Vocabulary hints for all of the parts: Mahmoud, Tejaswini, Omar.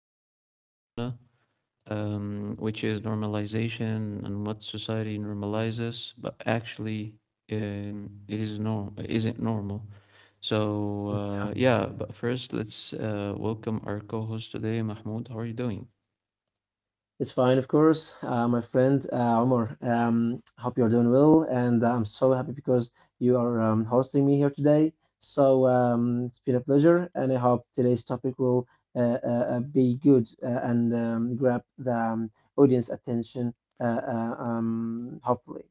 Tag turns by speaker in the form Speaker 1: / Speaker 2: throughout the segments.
Speaker 1: and very common phenomena, which is normalization and what society normalizes, but actually, it is norm isn't normal. So, yeah. But first, let's welcome our co-host today, Mahmoud. How are you doing?
Speaker 2: It's fine, of course. My friend Omar, hope you're doing well, and I'm so happy because you are hosting me here today. It's been a pleasure, and I hope today's topic will uh, uh, be good and grab the audience attention, uh, hopefully.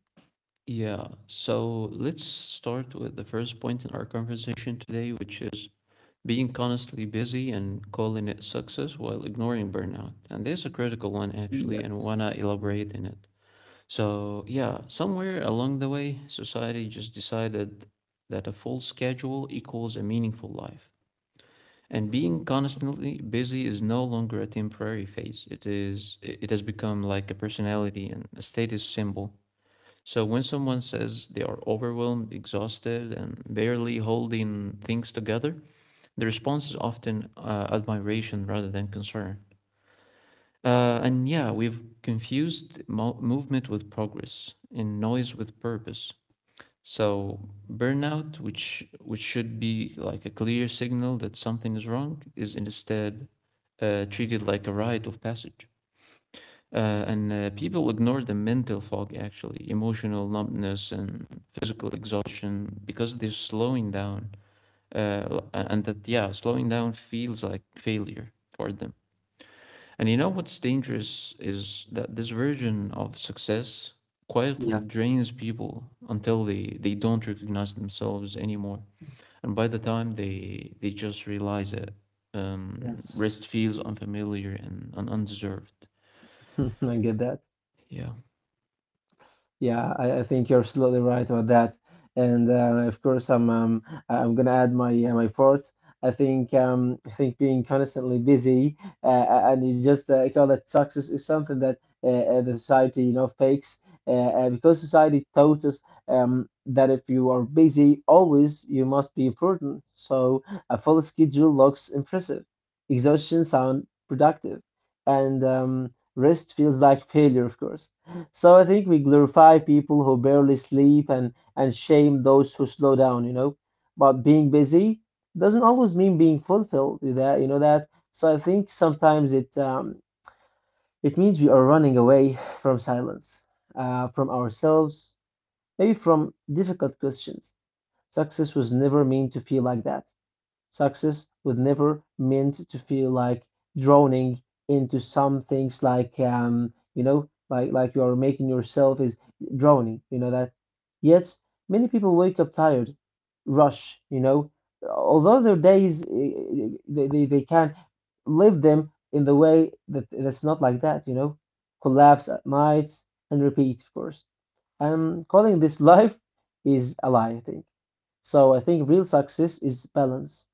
Speaker 1: Yeah, so let's start with the first point in our conversation today, which is being constantly busy and calling it success while ignoring burnout. And there's a critical one actually, and
Speaker 2: Yes.
Speaker 1: wanna elaborate in it. So yeah, somewhere along the way, society just decided that a full schedule equals a meaningful life. And being constantly busy is no longer a temporary phase. It has become like a personality and a status symbol. So when someone says they are overwhelmed, exhausted, and barely holding things together, the response is often admiration rather than concern. And yeah, we've confused movement with progress and noise with purpose. So burnout, which should be like a clear signal that something is wrong, is instead treated like a rite of passage. And People ignore the mental fog, actually, emotional numbness and physical exhaustion because they're slowing down and that yeah slowing down feels like failure for them. And you know what's dangerous is that this version of success quietly
Speaker 2: Yeah.
Speaker 1: drains people until they don't recognize themselves anymore. And by the time they just realize it,
Speaker 2: Yes.
Speaker 1: rest feels unfamiliar and undeserved.
Speaker 2: I get that.
Speaker 1: Yeah,
Speaker 2: Yeah, I think you're absolutely right about that. And of course, I'm gonna add my my part. I think being constantly busy uh, and you just call that success is something that the society you know fakes because society taught us that if you are busy always you must be important. So a full schedule looks impressive, exhaustion sound productive, and rest feels like failure, of course. So I think we glorify people who barely sleep and shame those who slow down, you know. But being busy doesn't always mean being fulfilled with that, you know that. So I think sometimes it means we are running away from silence, from ourselves, maybe from difficult questions. Success was never meant to feel like that. Success was never meant to feel like drowning into some things like you know, like you are making yourself is drowning, you know that. Yet many people wake up tired, rush, you know, although their days they can live them in the way that that's not like that, you know, collapse at night and repeat, of course. And calling this life is a lie, I think. So I think real success is balance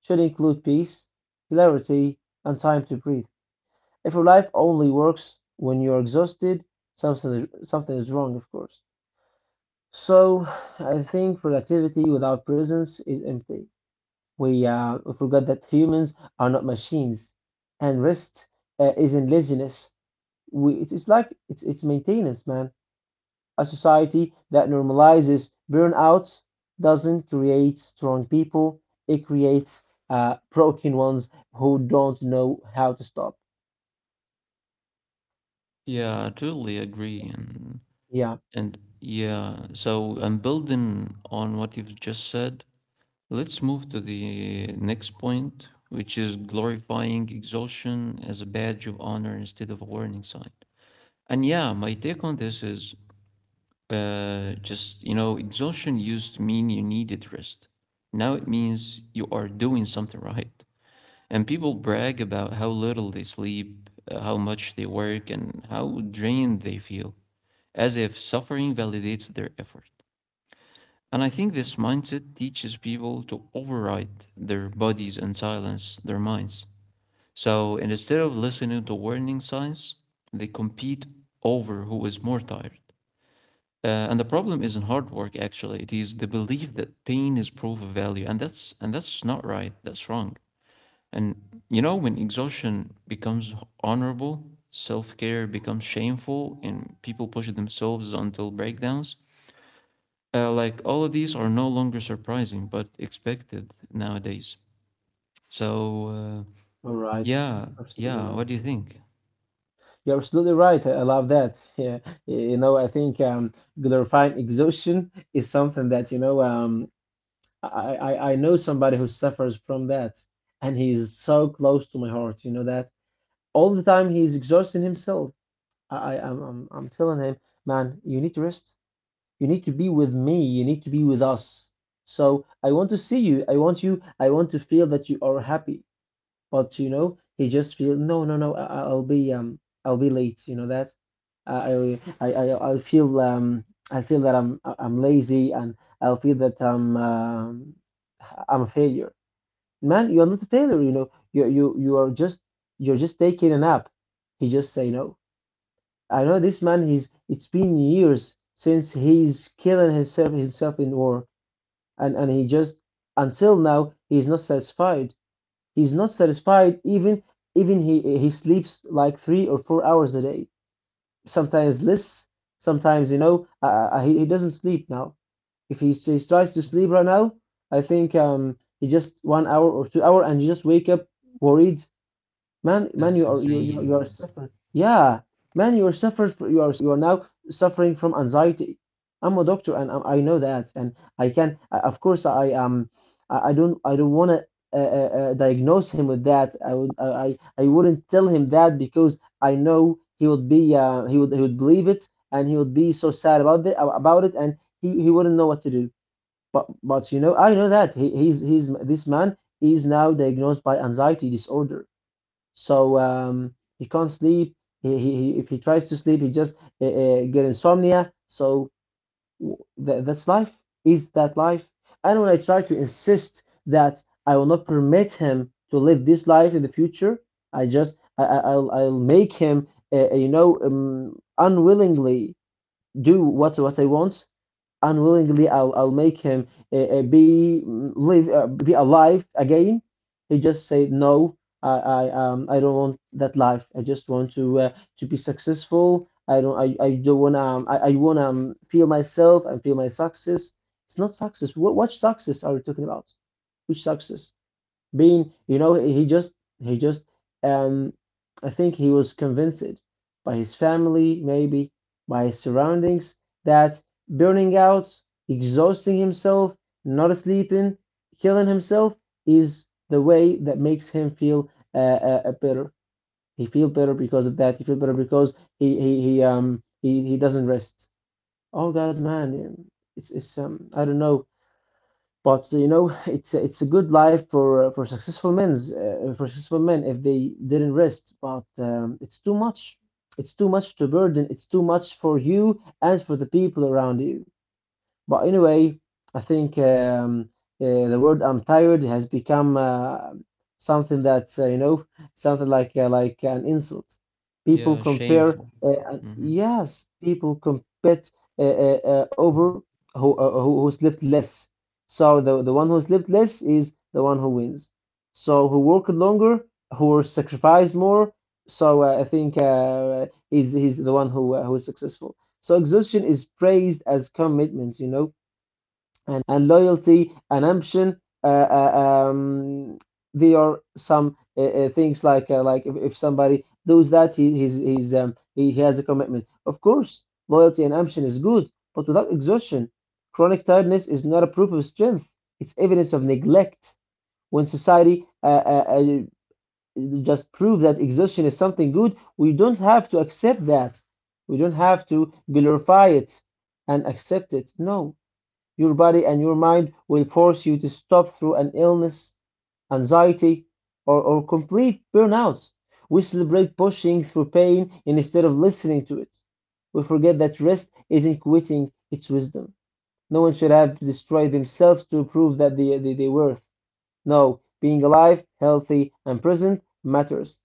Speaker 2: should include peace, hilarity, and time to breathe. If your life only works when you're exhausted, something is wrong, of course. So I think productivity without presence is empty. We forget that humans are not machines, and rest isn't laziness. We it's like it's maintenance, man. A society that normalizes burnouts doesn't create strong people, it creates broken ones who don't know how to stop.
Speaker 1: yeah, I totally agree. and
Speaker 2: Yeah,
Speaker 1: and yeah, so I'm building on what you've just said. Let's move to the next point, which is glorifying exhaustion as a badge of honor instead of a warning sign. And yeah, my take on this is just, you know, exhaustion used to mean you needed rest. Now it means you are doing something right. And people brag about how little they sleep, how much they work, and how drained they feel, as if suffering validates their effort. And I think this mindset teaches people to override their bodies and silence their minds. So instead of listening to warning signs, they compete over who is more tired. And the problem isn't hard work actually. It is the belief that pain is proof of value. And that's not right. That's wrong. And you know, when exhaustion becomes honorable, self-care becomes shameful, and people push themselves until breakdowns, like all of these are no longer surprising, but expected nowadays. So uh,
Speaker 2: all right.
Speaker 1: yeah,
Speaker 2: Absolutely right.
Speaker 1: yeah. What do you think?
Speaker 2: You're absolutely right. I love that. Yeah, you know, I think glorifying exhaustion is something that, you know, I know somebody who suffers from that, and he's so close to my heart, you know, that all the time he's exhausting himself. I'm telling him, man, you need to rest. You need to be with me. You need to be with us. So I want to see you. I want you. I want to feel that you are happy. But you know, he just feel no, no, no. I- will be I'll be late. You know that. I, I, I, I feel um, I feel that I'm lazy, and I'll feel that I'm a failure. Man, you are not a failure. You know, you are just, you're just taking a nap. He just say no. I know this man. He's it's been years since he's killing himself in war, and he just until now he's not satisfied. He's not satisfied even he sleeps like 3 or 4 hours a day, sometimes less. Sometimes you know he doesn't sleep now. If he, s- He tries to sleep right now, I think he just 1 hour or 2 hour and you just wake up worried. Man, you
Speaker 1: That's
Speaker 2: are you are
Speaker 1: insane.
Speaker 2: suffering. Yeah, man, you are suffered. You are now suffering from anxiety. I'm a doctor, and I know that, and I can. Of course, I don't want to diagnose him with that. I wouldn't tell him that because I know he would be he would believe it, and he would be so sad about it, and he wouldn't know what to do. But you know, I know that he's this man is now diagnosed by anxiety disorder so he can't sleep. If he tries to sleep, he just get insomnia. W- that's life. Is that life? And when I try to insist that I will not permit him to live this life in the future, I just I, I'll make him you know unwillingly do what I want. Unwillingly I'll make him be mm, live be alive again. He just said no. I don't want that life. I just want to be successful. I don't want I wanna feel myself and feel my success. It's not success. What success are we talking about? Which success? Being you know he just um I think he was convinced by his family maybe, by his surroundings, that burning out, exhausting himself, not sleeping, killing himself is the way that makes him feel better. He feel better because of that. He feel better because he doesn't rest. Oh god, man, it's I don't know. But you know, it's a good life for successful men's for successful men if they didn't rest. But it's too much. It's too much to burden. It's too much for you and for the people around you. But anyway, I think the word "I'm tired" has become something that you know, something like an insult.
Speaker 1: Yeah, shameful. Hmm.
Speaker 2: Yes, people compete over who slept less. So the one who slept less is the one who wins. So who worked longer, who sacrificed more. So I think he's the one who is successful. So exhaustion is praised as commitment, you know, and loyalty and ambition. There are some things like if somebody does that, he has a commitment. Of course, loyalty and ambition is good, but without exhaustion, chronic tiredness is not a proof of strength. It's evidence of neglect. When society just prove that exhaustion is something good, we don't have to accept that. We don't have to glorify it and accept it. No. Your body and your mind will force you to stop through an illness, anxiety, or complete burnout. We celebrate pushing through pain instead of listening to it. We forget that rest isn't quitting, it's wisdom. No one should have to destroy themselves to prove that they worth. No, being alive, healthy, and present matters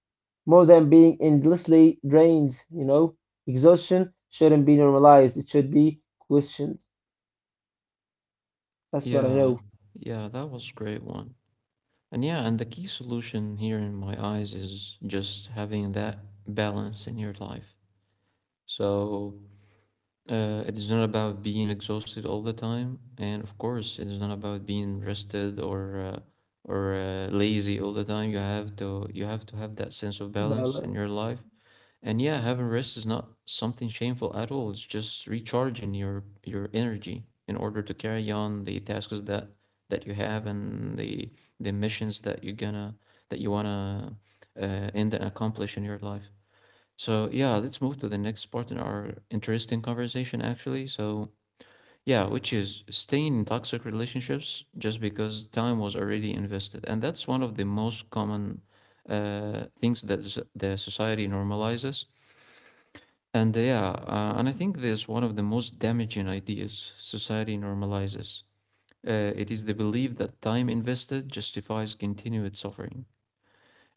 Speaker 2: more than being endlessly drained, you know? Exhaustion shouldn't be normalized, it should be questioned. That's what I
Speaker 1: Yeah,
Speaker 2: know.
Speaker 1: yeah, that was a great one. And yeah, and the key solution here in my eyes is just having that balance in your life. So it is not about being exhausted all the time, and of course, it is not about being rested or lazy all the time. You have to have that sense of balance in your
Speaker 2: Balance.
Speaker 1: life. And yeah, having rest is not something shameful at all. It's just recharging your energy in order to carry on the tasks that that you have and the missions that you're gonna that you wanna end and accomplish in your life. So yeah, let's move to the next part in our interesting conversation actually. So yeah, which is staying in toxic relationships just because time was already invested. And that's one of the most common things that the society normalizes. And I think there's one of the most damaging ideas society normalizes. It is the belief that time invested justifies continued suffering.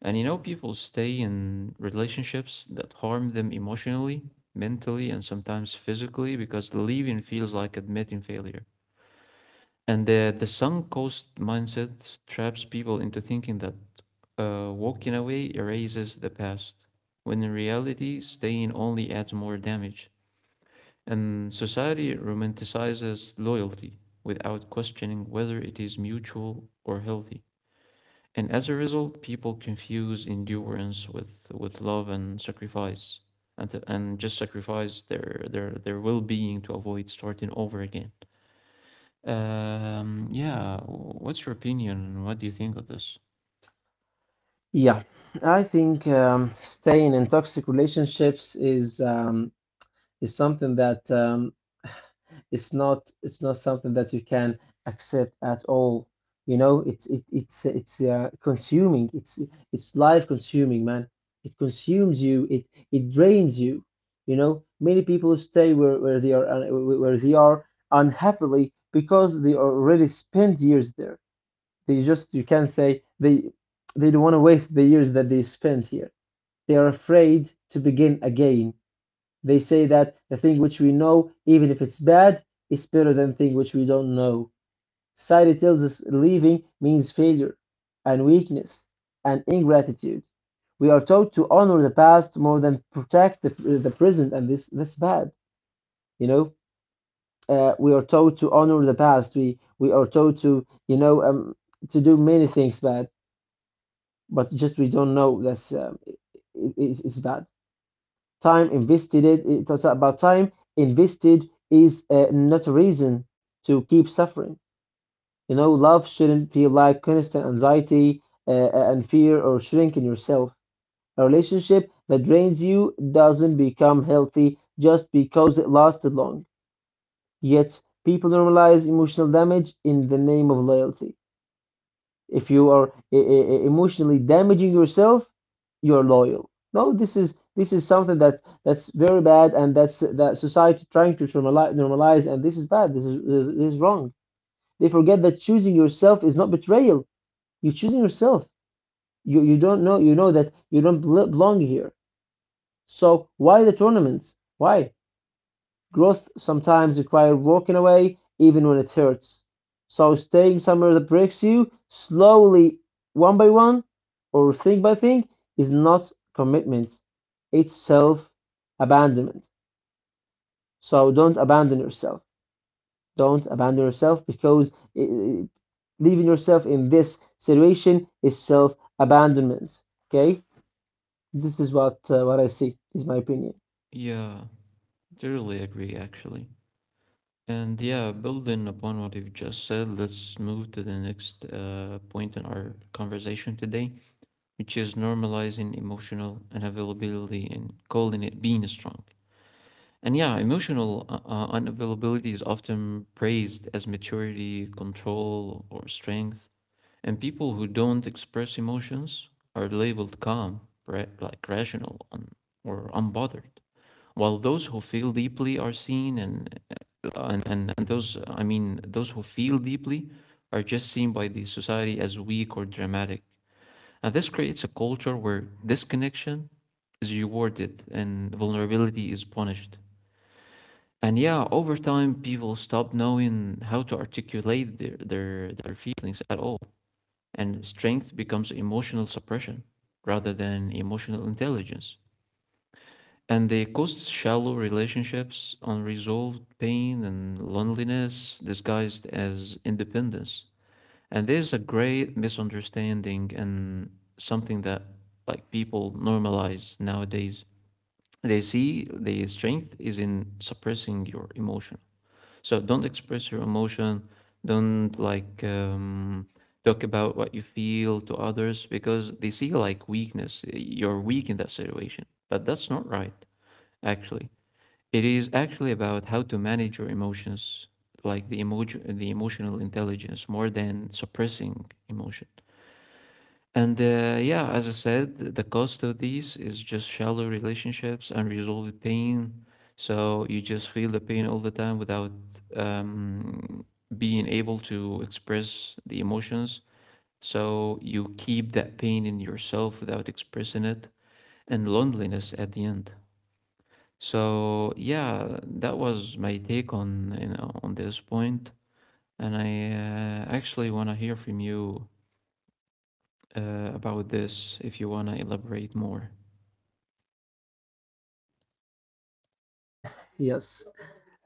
Speaker 1: And you know, people stay in relationships that harm them emotionally, mentally, and sometimes physically because leaving feels like admitting failure. And the sunk cost mindset traps people into thinking that walking away erases the past, when in reality, staying only adds more damage. And society romanticizes loyalty without questioning whether it is mutual or healthy. And as a result, people confuse endurance with love and sacrifice and just sacrifice their well being to avoid starting over again. Yeah, what's your opinion? What do you think of this?
Speaker 2: Yeah, I think staying in toxic relationships is something that it's not something that you can accept at all. You know, it's consuming. It's life consuming, man. It consumes you. It drains you. You know, many people stay where they are unhappily because they already spent years there. They just you can say they don't want to waste the years that they spent here. They are afraid to begin again. They say that the thing which we know, even if it's bad, is better than the thing which we don't know. Society tells us leaving means failure and weakness and ingratitude. We are taught to honor the past more than protect the present, and this that's bad. You know, we are taught to honor the past. We are taught to you know to do many things bad, but just we don't know that's it's bad. Time invested, it talks about time invested is not a reason to keep suffering. You know love shouldn't feel like constant anxiety and fear or shrinking yourself. A relationship that drains you doesn't become healthy just because it lasted long, yet people normalize emotional damage in the name of loyalty. If you are emotionally damaging yourself, you're loyal. No, this is something that that's very bad, and that's that society trying to normalize, normalize, and this is bad. This is wrong. They forget that choosing yourself is not betrayal. You're choosing yourself. You know that you don't belong here. So why the tournaments? Why? Growth sometimes requires walking away, even when it hurts. So staying somewhere that breaks you slowly, one by one, or thing by thing, is not commitment. It's self abandonment. So don't abandon yourself. Don't abandon yourself because eh, eh, leaving yourself in this situation is self abandonment. Okay, this is what I see. Is my opinion.
Speaker 1: Yeah, totally agree actually. And yeah, building upon what you've just said, let's move to the next point in our conversation today, which is normalizing emotional unavailability and calling it being strong. And yeah, emotional unavailability is often praised as maturity, control, or strength. And people who don't express emotions are labeled calm, like rational, or unbothered, while those who feel deeply are seen, and those I mean those who feel deeply are just seen by the society as weak or dramatic. And this creates a culture where disconnection is rewarded and vulnerability is punished. And yeah, over time, people stop knowing how to articulate their feelings at all. And strength becomes emotional suppression rather than emotional intelligence. And they cause shallow relationships, unresolved pain, and loneliness disguised as independence. And there's a great misunderstanding and something that like people normalize nowadays. They see the strength is in suppressing your emotion, so don't express your emotion. Don't like talk about what you feel to others because they see like weakness. You're weak in that situation, but that's not right. Actually, it is actually about how to manage your emotions, like the emotion, the emotional intelligence, more than suppressing emotion. And Yeah, as I said, the cost of these is just shallow relationships, unresolved pain. So you just feel the pain all the time without um, being able to express the emotions. So you keep that pain in yourself without expressing it, and loneliness at the end. So yeah, that was my take on you know, on this point, and I actually want to hear from you about this if you want to elaborate more.
Speaker 2: Yes.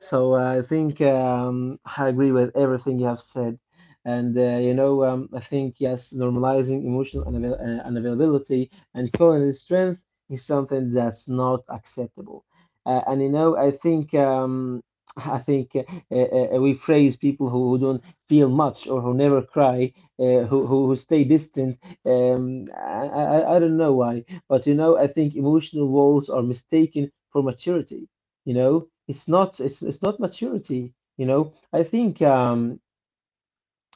Speaker 2: So I think I agree with everything you have said. And you know, I think yes, normalizing emotional unavailability and calling it strength is something that's not acceptable. And you know, I think we praise people who don't feel much or who never cry, who stay distant. I don't know why, but you know, I think emotional walls are mistaken for maturity. You know, it's not maturity. You know,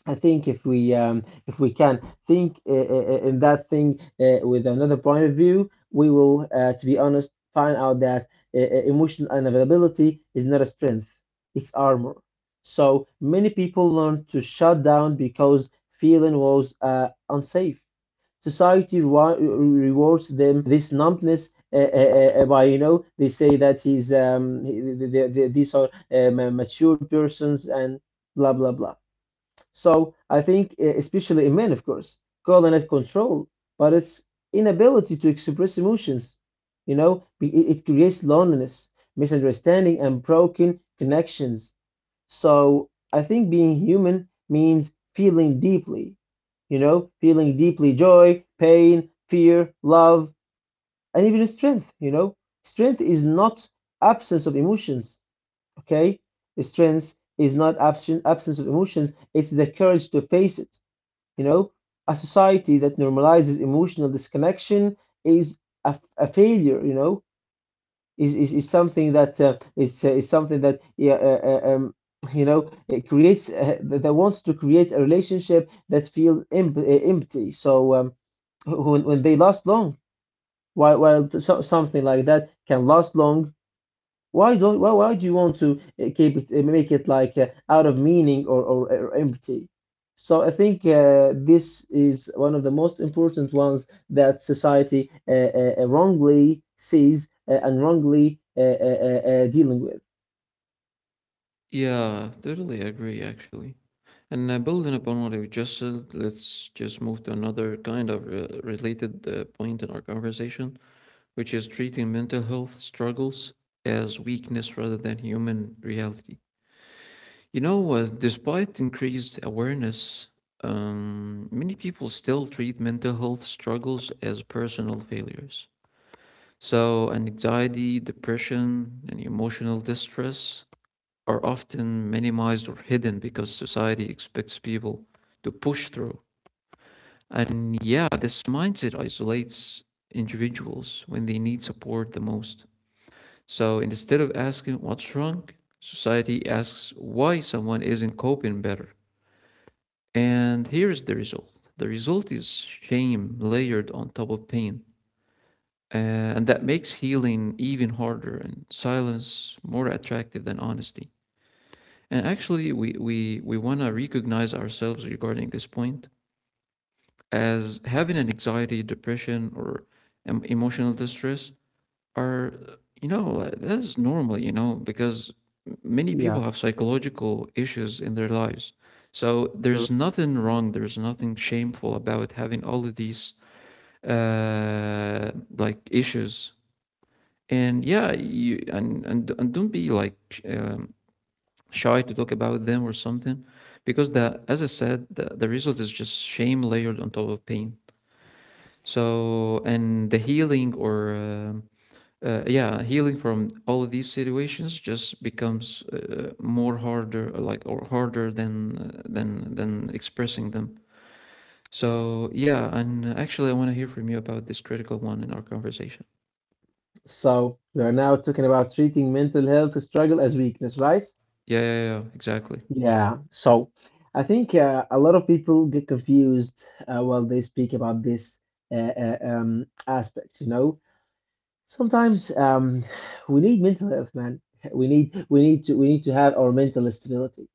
Speaker 2: I think if we can think in that thing with another point of view, we will, to be honest, find out that uh, uh, emotional unavailability is not a strength; it's armor. So many people learn to shut down because feeling was unsafe. Society rewards them this numbness by, you know, they say that these are mature persons and blah blah blah. So I think especially in men, of course, calling it control, but it's inability to express emotions. You know, it creates loneliness, misunderstanding, and broken connections. So I think being human means feeling deeply, you know, feeling deeply joy, pain, fear, love, and even strength, you know. Strength is not absence of emotions, okay? Strength is not absence of emotions, it's the courage to face it, you know. A society that normalizes emotional disconnection is a failure, you know, is something that is something that yeah, uh, um, you know, it creates that that wants to create a relationship that feels empty. So when they last long, while so, something like that can last long, why do you want to keep it, make it like out of meaning, or empty? So I think this is one of the most important ones that society wrongly sees and wrongly dealing with.
Speaker 1: Yeah, totally agree, actually. And building upon what you just said, let's just move to another kind of related point in our conversation, which is treating mental health struggles as weakness rather than human reality. You know, despite increased awareness, many people still treat mental health struggles as personal failures. So, anxiety, depression, and emotional distress are often minimized or hidden because society expects people to push through. And yeah, this mindset isolates individuals when they need support the most. So instead of asking what's wrong, society asks why someone isn't coping better. And here's the result is shame layered on top of pain. Uh, and that makes healing even harder and silence more attractive than honesty. And actually, we want to recognize ourselves regarding this point as having an anxiety, depression, or emotional distress are, you know, like, that's normal, you know, because many people
Speaker 2: Yeah,
Speaker 1: have psychological issues in their lives. So
Speaker 2: you're
Speaker 1: there's
Speaker 2: right.
Speaker 1: nothing wrong, there's nothing shameful about having all of these uh like issues. And yeah, you and don't be like shy to talk about them or something because the as I said the result is just shame layered on top of pain. So and the healing or yeah healing from all of these situations just becomes more harder like or harder than than expressing them. So yeah, and actually I want to hear from you about this critical one in our conversation.
Speaker 2: So we are now talking about treating mental health struggle as weakness, right?
Speaker 1: Yeah, yeah, yeah, exactly.
Speaker 2: Yeah, so I think a lot of people get confused while they speak about this aspect, you know. Sometimes we need mental health, man. We need to have our mental stability.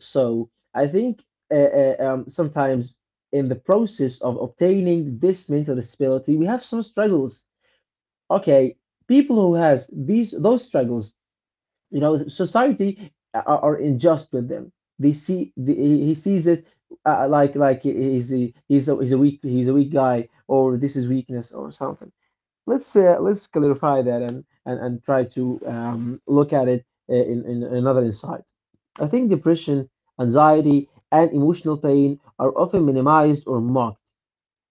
Speaker 2: So I think uh, sometimes in the process of obtaining this mental stability, we have some struggles. Okay, people who has these those struggles, you know, society are unjust with them. They see the, he sees it like he's a, he's a he's a weak guy, or this is weakness or something. Let's let's clarify that and and try to look at it in another insight. I think depression, anxiety, and emotional pain are often minimized or mocked.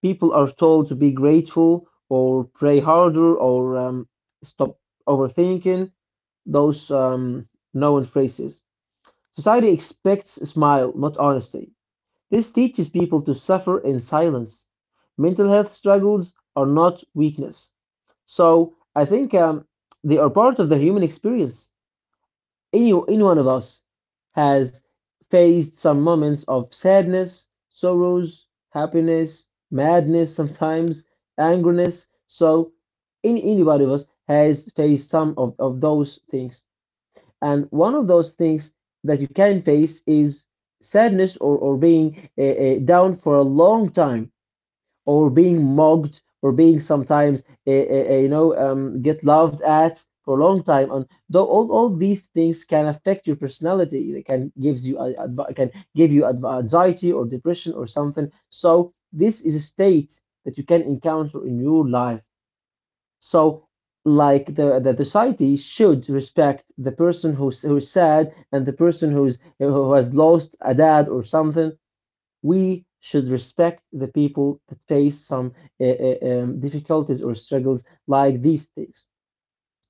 Speaker 2: People are told to be grateful or pray harder or stop overthinking, those known phrases. Society expects a smile, not honesty. This teaches people to suffer in silence. Mental health struggles are not weakness. So I think they are part of the human experience. Any one of us has faced some moments of sadness, sorrows, happiness, madness sometimes, angerness. So anybody of us has faced some of those things. And one of those things that you can face is sadness, or being down for a long time, or being mocked, or being sometimes, you know, get laughed at for a long time. And though all these things can affect your personality, they can give you anxiety or depression or something. So this is a state that you can encounter in your life. So, like the society should respect the person who's sad and the person who has lost a dad or something. We should respect the people that face some difficulties or struggles like these things.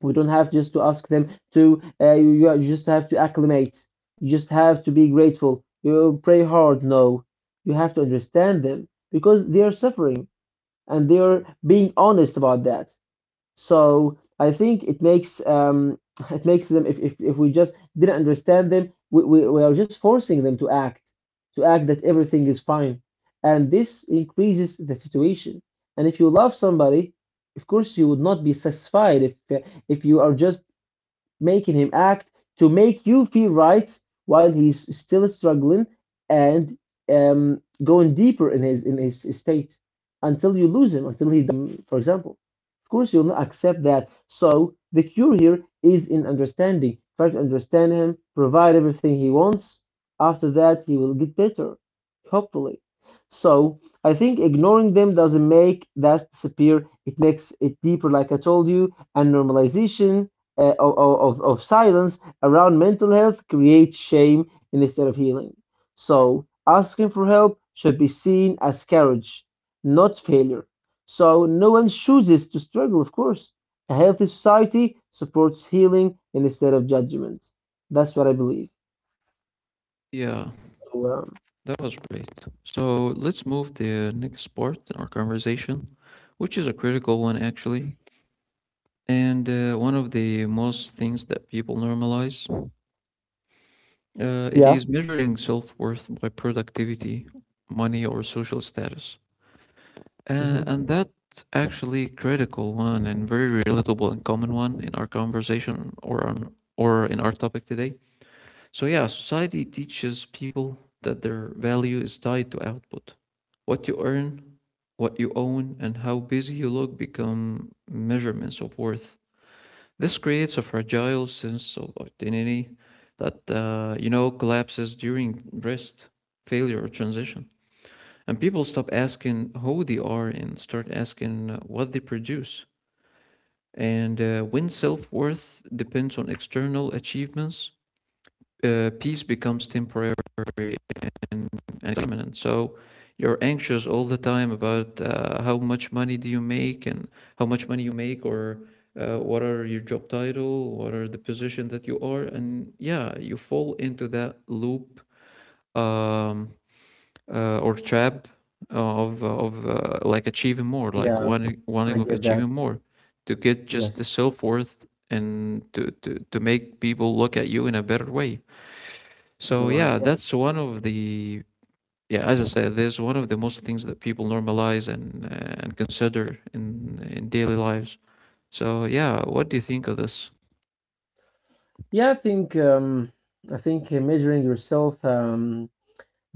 Speaker 2: We don't have just to ask them to. You, you just have to acclimate. You just have to be grateful. You pray hard. No, you have to understand them because they are suffering and they are being honest about that. So I think it makes them, if we just didn't understand them, we are just forcing them to act that everything is fine. And this increases the situation. And if you love somebody, of course you would not be satisfied if you are just making him act to make you feel right while he's still struggling and going deeper in his state until you lose him, until he, for example. Of course, you'll not accept that. So the cure here is in understanding. Try to understand him, provide everything he wants. After that, he will get better, hopefully. So I think ignoring them doesn't make that disappear. It makes it deeper, like I told you, and normalization uh, of, of silence around mental health creates shame instead of healing. So, asking for help should be seen as courage, not failure. So, no one chooses to struggle, of course. A healthy society supports healing instead of judgment. That's what I believe.
Speaker 1: Yeah.
Speaker 2: So,
Speaker 1: That was great. So let's move the next part in our conversation, which is a critical one actually, and one of the most things that people normalize. It
Speaker 2: yeah.
Speaker 1: is measuring self-worth by productivity, money, or social status,
Speaker 2: Hmm.
Speaker 1: and that's actually critical one and very relatable and common one in our conversation or on or in our topic today. So, yeah, society teaches people that their value is tied to output. What you earn, what you own, and how busy you look become measurements of worth. This creates a fragile sense of identity that, you know, collapses during rest, failure, or transition. And people stop asking who they are and start asking what they produce. And when self worth depends on external achievements, peace becomes temporary and, and it's imminent. So you're anxious all the time about how much money do you make and how much money you make or what are your job title, what are the position that you are, and yeah, you fall into that loop um, or trap of like achieving more, like
Speaker 2: Yeah,
Speaker 1: wanting
Speaker 2: I
Speaker 1: wanting of
Speaker 2: get
Speaker 1: achieving
Speaker 2: that.
Speaker 1: more, to get just the
Speaker 2: Yes,
Speaker 1: self worth and to make people look at you in a better way. So
Speaker 2: you're right.
Speaker 1: yeah,
Speaker 2: Yes.
Speaker 1: that's one of the yeah. As I said, this is one of the most things that people normalize and consider in in daily lives. So yeah, what do you think of this?
Speaker 2: Yeah, I think measuring yourself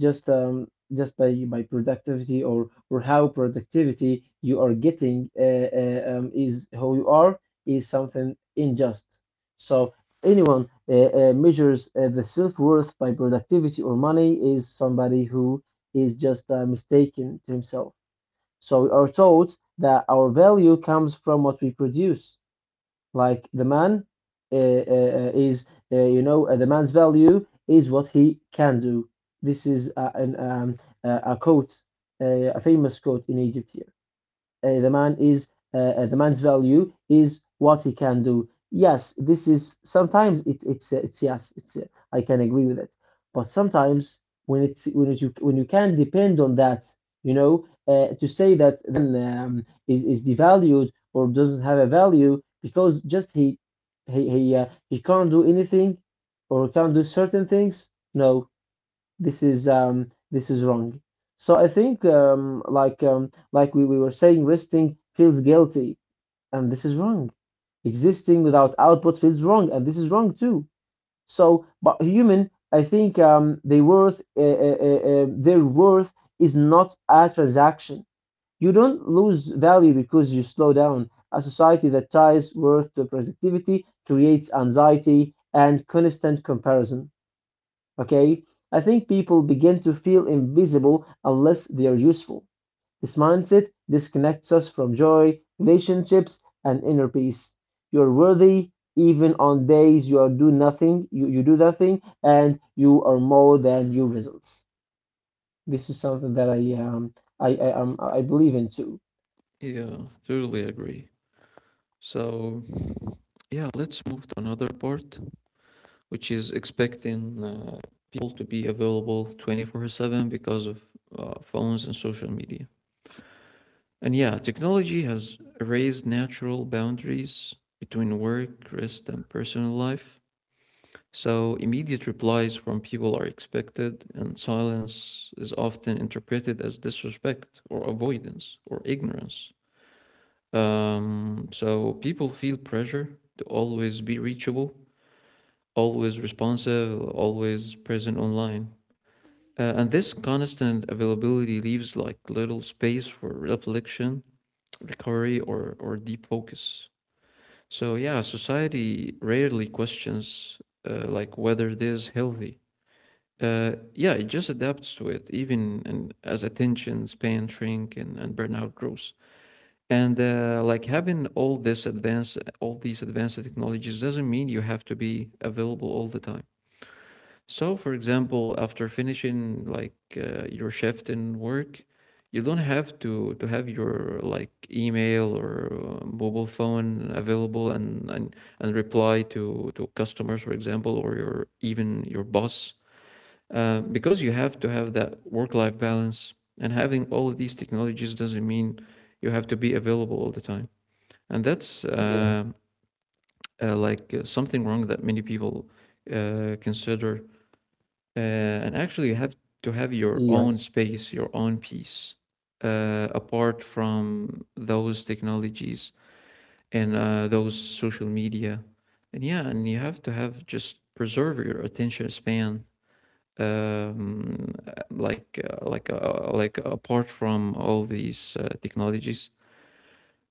Speaker 2: just by productivity or how productivity you are getting is who you are, is something unjust. So anyone measures the self-worth by productivity or money is somebody who is just mistaken to himself. So we are taught that our value comes from what we produce. Like the man uh, uh, uh, is, you know, the man's value is what he can do. This is a quote, uh, a famous quote in Egypt, the man is the man's value is what he can do. Yes, this is sometimes it, it's yes, it's I can agree with it. But sometimes when it's when it, you when you can depend on that, you know, to say that then is devalued or doesn't have a value because just he can't do anything or can't do certain things. No, this is wrong. So I think like we were saying resting feels guilty, and this is wrong. Existing without output feels wrong, and this is wrong too. So but human, I think they worth their worth is not a transaction. You don't lose value because you slow down. A society that ties worth to productivity creates anxiety and constant comparison. Okay, I think people begin to feel invisible unless they are useful. This mindset disconnects us from joy, relationships, and inner peace. You're worthy even on days you are do nothing, you do nothing, and you are more than your results. This is something that I believe in too.
Speaker 1: Yeah, totally agree. So yeah, let's move to another part, which is expecting people to be available 24/7 because of phones and social media. And yeah, technology has erased natural boundaries between work, rest, and personal life. So immediate replies from people are expected, and silence is often interpreted as disrespect or avoidance or ignorance. So people feel pressure to always be reachable, always responsive, always present online. And this constant availability leaves like little space for reflection, recovery, or deep focus. So yeah, society rarely questions like whether this is healthy. Yeah, it just adapts to it, even and as attention span shrink and burnout grows. And like having all this advanced, all these advanced technologies doesn't mean you have to be available all the time. So, for example, after finishing like your shift in work, you don't have to have your like email or mobile phone available and reply to customers, for example, or your even your boss because you have to have that work-life balance, and having all of these technologies doesn't mean you have to be available all the time. And that's
Speaker 2: Yeah.
Speaker 1: like something wrong that many people consider, and actually you have to have your own
Speaker 2: Yes.
Speaker 1: space, your own peace, apart from those technologies and those social media. And yeah, and you have to have just preserve your attention span, um, like like apart from all these technologies.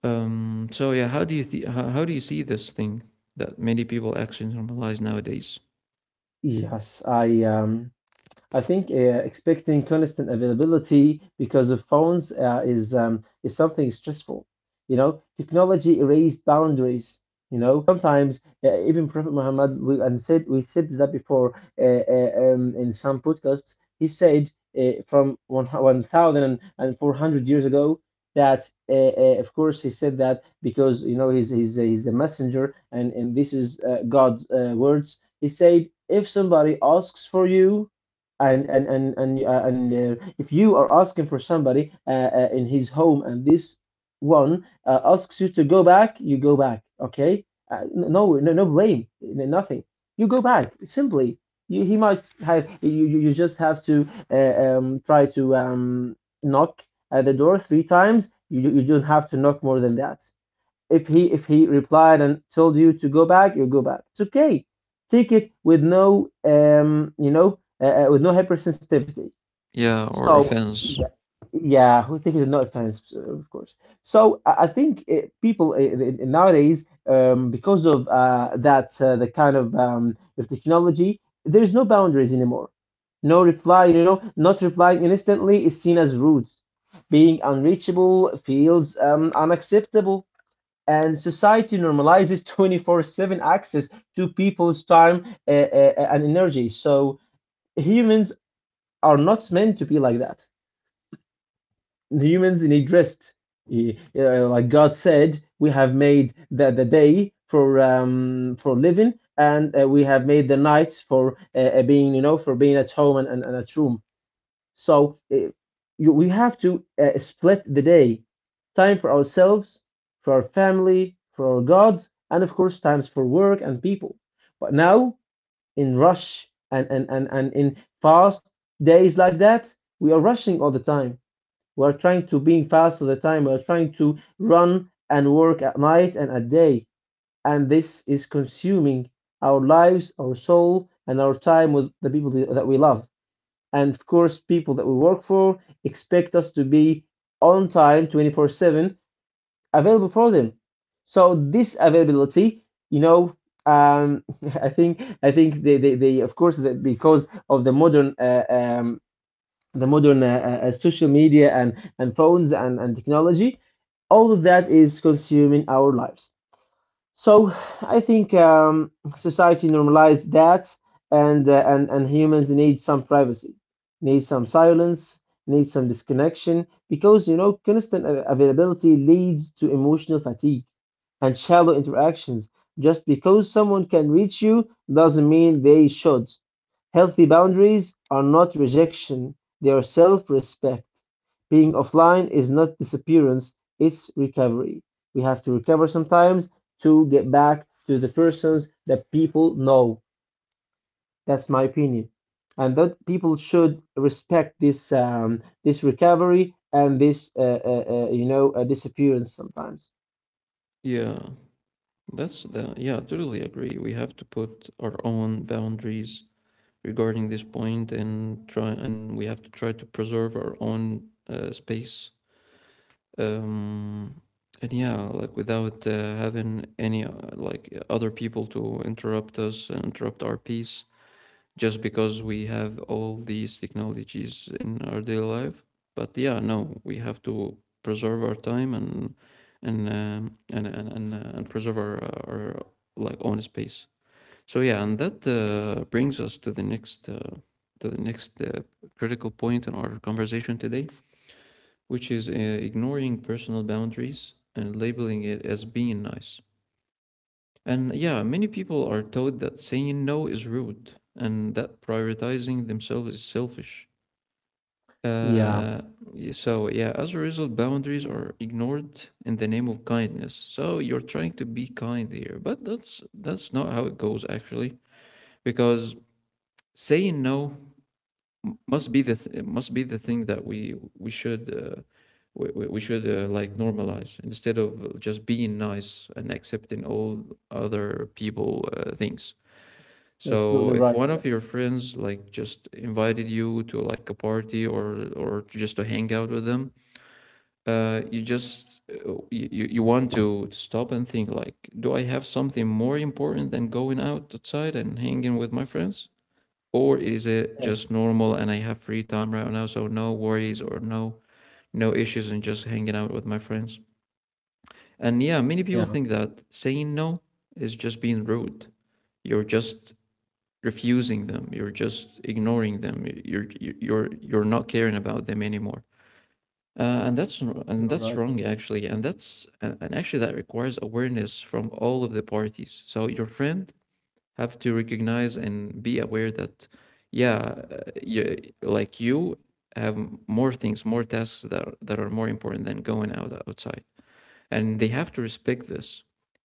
Speaker 1: So yeah, how do you how do you see this thing that many people actually normalize nowadays?
Speaker 2: Yes, I think expecting constant availability because of phones is something stressful. You know, technology erased boundaries. You know, sometimes even Prophet Muhammad we and said we said that before in some podcasts. He said from one thousand and four hundred years ago that of course he said that because you know he's a messenger and this is God's words. He said, if somebody asks for you, and if you are asking for somebody in his home, and this one asks you to go back, you go back. Okay, uh, no, no, no blame, nothing. You go back simply. You, he might have you. You just have to try to knock at the door three times. You don't have to knock more than that. If he if he replied and told you to go back, you go back. It's okay. Take it with no with no hypersensitivity.
Speaker 1: Yeah, or
Speaker 2: So
Speaker 1: offense.
Speaker 2: yeah, yeah, who take it with no offense, of course. So I think people nowadays because of that the kind of technology, there's no boundaries anymore. No reply, you know, not replying instantly is seen as rude. Being unreachable feels unacceptable, and society normalizes 24/7 access to people's time and energy. So humans are not meant to be like that. Humans need rest. Like God said, we have made the day for living, and we have made the night for being, for being at home and at room. So we have to split the day time for ourselves, for our family, for our God, and of course, times for work and people. But now, in rush and in fast days like that, we are rushing all the time. We are trying to be fast all the time. We are trying to run and work at night and at day. And this is consuming our lives, our soul, and our time with the people that we love, and of course, people that we work for expect us to be on time 24/7, available for them. So this availability, you know, um I think they of course that, because of the modern social media and phones and technology, all of that is consuming our lives. So I think society normalized that, and humans need some privacy, need some silence, need some disconnection, because you know constant availability leads to emotional fatigue and shallow interactions. Just because someone can reach you doesn't mean they should. Healthy boundaries are not rejection, they are self respect. Being offline is not disappearance, it's recovery. We have to recover sometimes to get back to the persons that people know. That's my opinion, and that people should respect this this recovery and this disappearance sometimes.
Speaker 1: Yeah, that's the yeah. I totally agree. We have to put our own boundaries regarding this point and try, and we have to try to preserve our own space, um and yeah, like without having any like other people to interrupt us and interrupt our peace just because we have all these technologies in our daily life. But yeah, no, we have to preserve our time and preserve our like own space. So yeah, and that brings us to the next critical point in our conversation today, which is ignoring personal boundaries and labeling it as being nice. And yeah, many people are taught that saying no is rude and that prioritizing themselves is selfish.
Speaker 2: Yeah,
Speaker 1: Uh, so yeah, as a result, boundaries are ignored in the name of kindness. So you're trying to be kind here, but that's not how it goes actually, because saying no must be the thing that we should we should like normalize instead of just being nice and accepting all other people things.
Speaker 2: you're
Speaker 1: So
Speaker 2: absolutely
Speaker 1: if
Speaker 2: right.
Speaker 1: one of
Speaker 2: Yes,
Speaker 1: your friends like just invited you to like a party or just to hang out with them, uh, you, you want to stop and think, like, do I have something more important than going out outside and hanging with my friends, or is it
Speaker 2: yes,
Speaker 1: just normal and I have free time right now, so no worries or no no issues and just hanging out with my friends? And yeah, many people
Speaker 2: yeah,
Speaker 1: think that saying no is just being rude. You're just refusing them. You're just ignoring them. You're not caring about them anymore. And that's
Speaker 2: you're right.
Speaker 1: wrong actually. And that's and actually that requires awareness from all of the parties. So your friend have to recognize and be aware that yeah, you, like you have more things, more tasks that are more important than going out outside, and they have to respect this.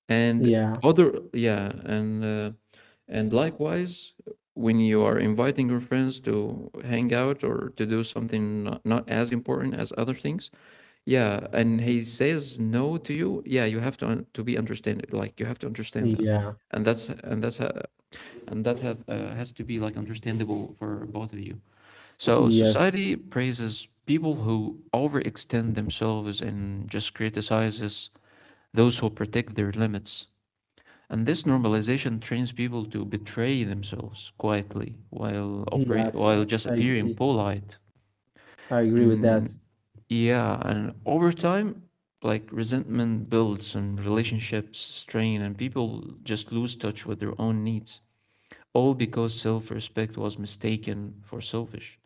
Speaker 1: And
Speaker 2: Yeah,
Speaker 1: other, yeah, and likewise, when you are inviting your friends to hang out or to do something not, not as important as other things, yeah, and he says no to you, yeah, you have to un- to be understand, like you have to understand that.
Speaker 2: yeah,
Speaker 1: And that's and that's ho- and that have, has to be like understandable for both of you. So
Speaker 2: yes,
Speaker 1: society praises people who overextend themselves and just criticizes those who protect their limits. And this normalization trains people to betray themselves quietly while operate
Speaker 2: yes.
Speaker 1: while just
Speaker 2: I
Speaker 1: appearing
Speaker 2: agree.
Speaker 1: polite.
Speaker 2: I agree with that.
Speaker 1: And yeah, and over time, like resentment builds and relationships strain and people just lose touch with their own needs, all because self respect was mistaken for selfish.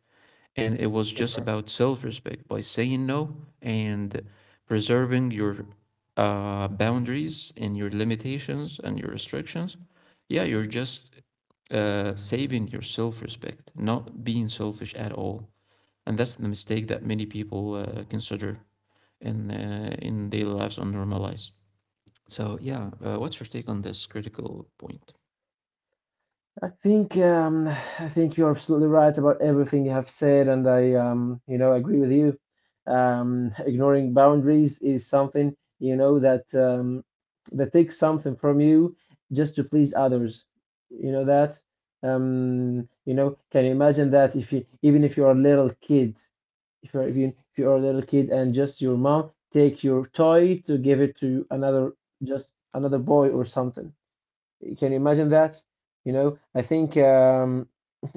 Speaker 1: And it was just
Speaker 2: You're
Speaker 1: about self respect by saying no and preserving your boundaries and your limitations and your restrictions. Yeah, you're just saving your self respect, not being selfish at all. And that's the mistake that many people consider in daily lives or normal lives. So, yeah, what's your take on this critical point?
Speaker 2: I think um, I think you're absolutely right about everything you have said, and I you know, agree with you. Ignoring boundaries is something, you know, that that takes something from you just to please others. You know that. You know, can you imagine that if you even if you're a little kid, if you're a little kid and just your mom take your toy to give it to another, just another boy or something? Can you imagine that? You know, I think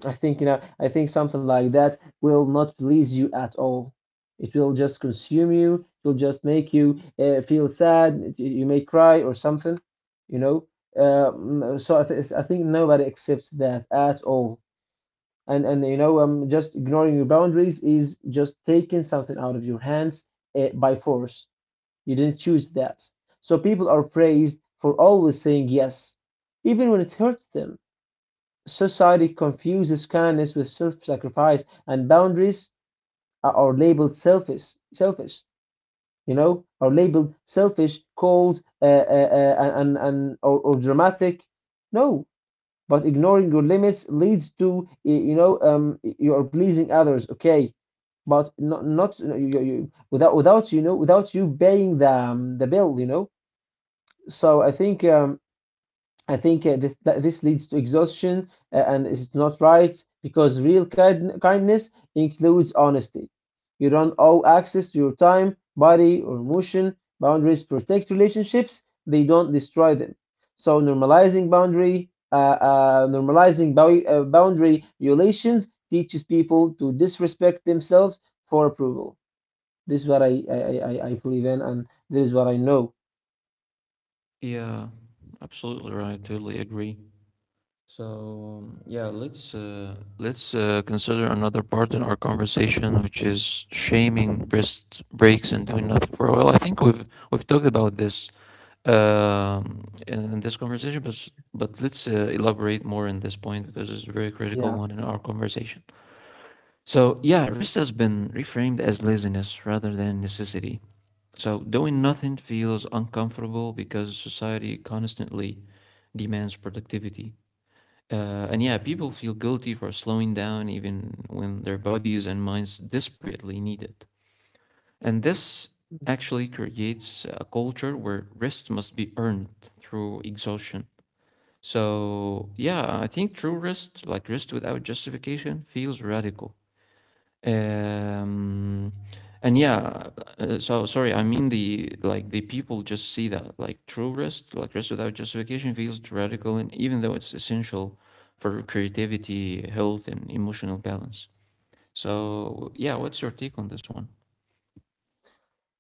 Speaker 2: I think, you know, I think something like that will not please you at all. It will just consume you. It will just make you feel sad. You may cry or something. You know. So I think nobody accepts that at all. And you know, just ignoring your boundaries is just taking something out of your hands by force. You didn't choose that. So people are praised for always saying yes, even when it hurts them. Society confuses kindness with self-sacrifice, and boundaries are labeled selfish. Selfish, you know, are labeled selfish, cold, and or dramatic. No, but ignoring your limits leads to you know, you are pleasing others. Okay, but not you, without you know, without you paying the bill. You know. So I think this leads to exhaustion, and it's not right because real kindness includes honesty. You don't owe access to your time, body, or emotion. Boundaries protect relationships; they don't destroy them. So normalizing boundary violations teaches people to disrespect themselves for approval. This is what I believe in, and this is what I know.
Speaker 1: Yeah, absolutely right. Totally agree. So yeah, let's consider another part in our conversation, which is shaming rest breaks and doing nothing for a while. I think we've talked about this in this conversation, but let's elaborate more in this point because it's a very critical one in our conversation. So yeah, rest has been reframed as laziness rather than necessity. So doing nothing feels uncomfortable because society constantly demands productivity. And yeah, people feel guilty for slowing down even when their bodies and minds desperately need it. And this actually creates a culture where rest must be earned through exhaustion. So yeah, I think true rest, like rest without justification, feels radical. Um, and yeah, so sorry, I mean the like the people just see that like true rest, like rest without justification feels radical, and even though it's essential for creativity, health, and emotional balance. So yeah, what's your take on this one?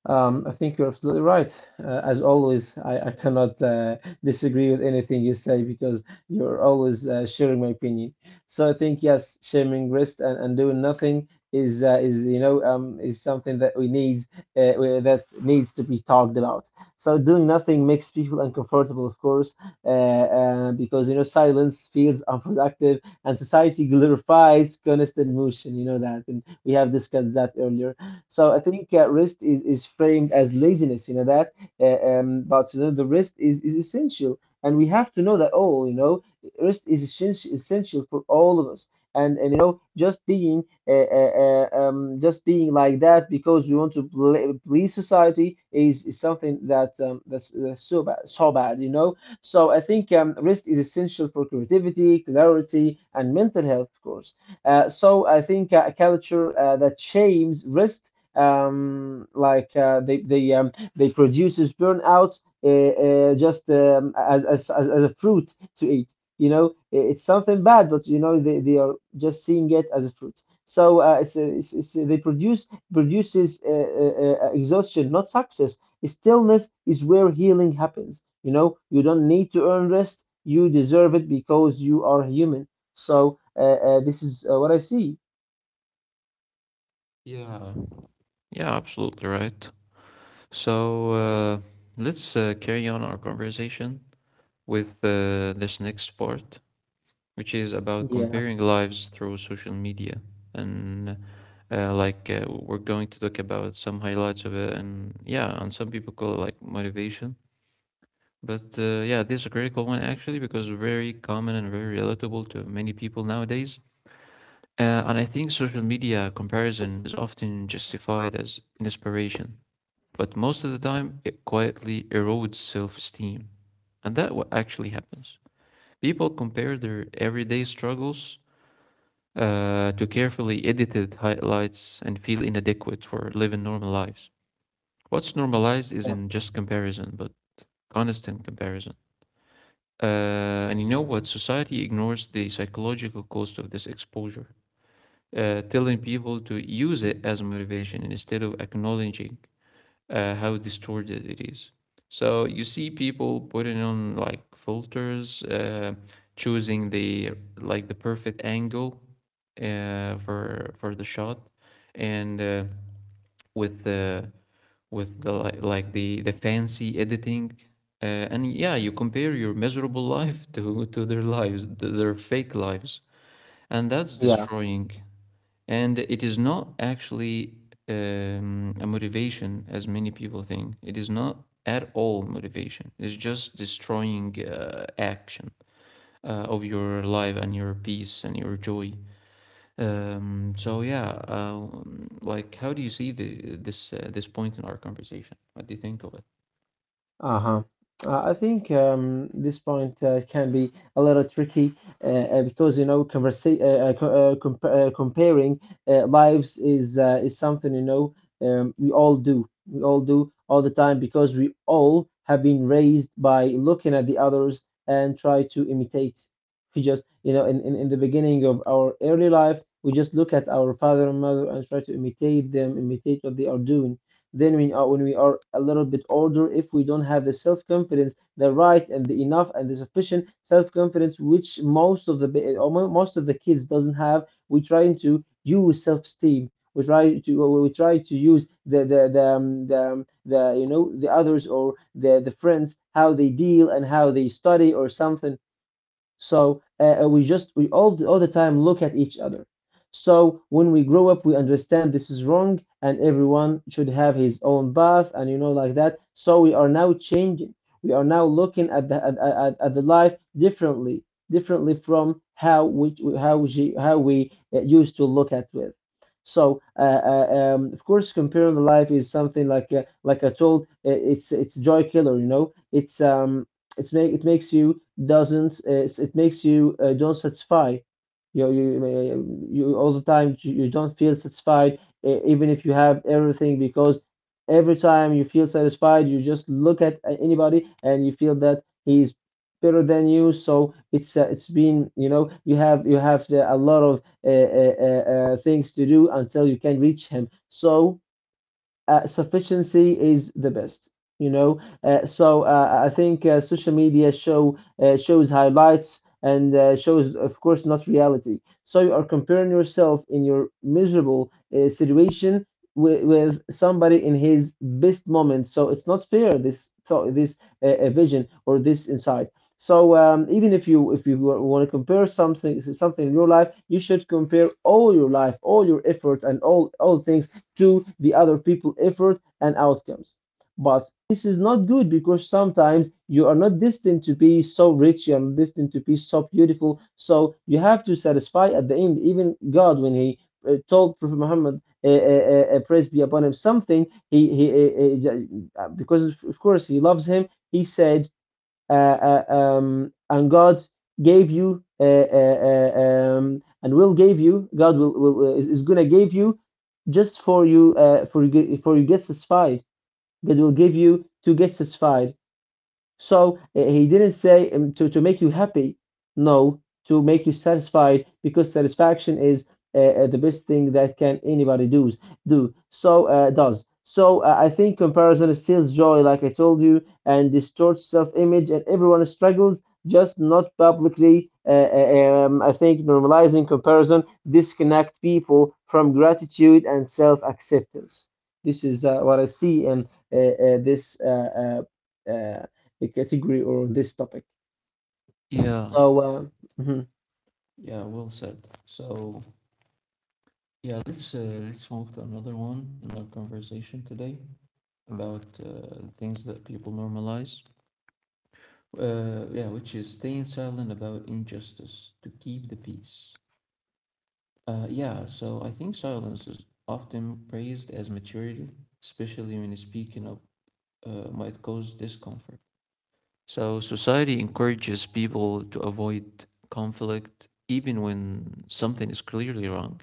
Speaker 2: I think you're absolutely right. As always, I cannot disagree with anything you say because you're always sharing my opinion. So I think yes, shaming rest and doing nothing is is something that we need that needs to be talked about. So doing nothing makes people uncomfortable, of course, because you know silence feels unproductive and society glorifies constant motion. You know that, and we have discussed that earlier. So I think rest is framed as laziness, you know that. But you know the rest is essential, and we have to know that all. You know, rest is essential essential for all of us. And you know, just being like that because we want to please society is something that's so bad, so bad. You know. So I think rest is essential for creativity, clarity, and mental health, of course. So I think a culture that shames rest they produces burnout just as, as a fruit to eat. You know, it's something bad, but you know they are just seeing it as a fruit. So it's, a- it's, it's a- they produces exhaustion, not success. Stillness is where healing happens. You know, you don't need to earn rest. You deserve it because you are human. So this is what I see.
Speaker 1: Yeah, yeah, absolutely right. So let's carry on our conversation with this next part, which is about
Speaker 2: Yeah,
Speaker 1: comparing lives through social media. And like we're going to talk about some highlights of it, and yeah, and some people call it like motivation. But yeah, this is a critical one actually because very common and very relatable to many people nowadays. And I think social media comparison is often justified as inspiration, but most of the time it quietly erodes self-esteem, and that what actually happens. People compare their everyday struggles to carefully edited highlights and feel inadequate for living normal lives. What's normalized
Speaker 2: yeah,
Speaker 1: isn't just comparison, but constant comparison. Uh, and you know what? Society ignores the psychological cost of this exposure, telling people to use it as motivation instead of acknowledging how distorted it is. So you see people putting on like filters, choosing the like the perfect angle for the shot, and with the with the like the fancy editing. And yeah, you compare your miserable life to their lives, to their fake lives, and that's
Speaker 2: yeah.
Speaker 1: destroying. And it is not actually a motivation, as many people think. It is not at all motivation. It's just destroying action of your life and your peace and your joy. So yeah, like how do you see the this this point in our conversation? What do you think of it?
Speaker 2: Uh-huh. I think this point can be a little tricky, because you know conversa co- comp comparing lives is something, you know, we all do all the time because we all have been raised by looking at the others and try to imitate. We just, you know, in the beginning of our early life we just look at our father and mother and try to imitate them, imitate what they are doing. Then we are, when we are a little bit older, if we don't have the self-confidence, the right and the enough and the sufficient self-confidence, which most of the, or most of the kids doesn't have, we try to use self-esteem. We try to use the the, you know, the others or the friends, how they deal and how they study or something. So we just, we all the time look at each other. So when we grow up, we understand this is wrong, and everyone should have his own path, and you know, like that. So we are now changing. We are now looking at at the life differently, differently from how we how we how we used to look at with. So, of course, comparing the life is something like, like I told, it's joy killer, you know. It's make it makes you doesn't it makes you don't satisfy. You all the time, you don't feel satisfied, even if you have everything, because every time you feel satisfied you just look at anybody and you feel that he's better than you. So it's been, you know, you have a lot of things to do until you can reach him. So sufficiency is the best, you know. So I think Social media shows highlights and shows, of course, not reality. So you are comparing yourself in your miserable situation with somebody in his best moment. So it's not fair, this thought, this vision or this insight. So even if you, if you want to compare something in your life, you should compare all your life, all your effort, and all things to the other people effort and outcomes. But this is not good because sometimes you are not destined to be so rich, you are not destined to be so beautiful. So you have to satisfy at the end. Even God, when He told Prophet Muhammad, praise be upon him, something, he because of course He loves him, He said, and God gave you, and will give you. God will is gonna give you, just for you, for you get satisfied. God will give you to get satisfied. So he didn't say to make you happy. No, to make you satisfied, because satisfaction is the best thing that can anybody does do. So does. So I think comparison steals joy, like I told you, and distorts self-image, and everyone struggles, just not publicly. I think normalizing comparison disconnect people from gratitude and self-acceptance. This is what I see in this uh, uh, a category or on this topic.
Speaker 1: Yeah,
Speaker 2: So, uh, mhm,
Speaker 1: yeah, well said. So yeah, let's move to another one in our conversation today about things that people normalize. Yeah, which is staying silent about injustice to keep the peace. Yeah, so I think silence is often praised as maturity, especially when speaking up might cause discomfort. So society encourages people to avoid conflict even when something is clearly wrong.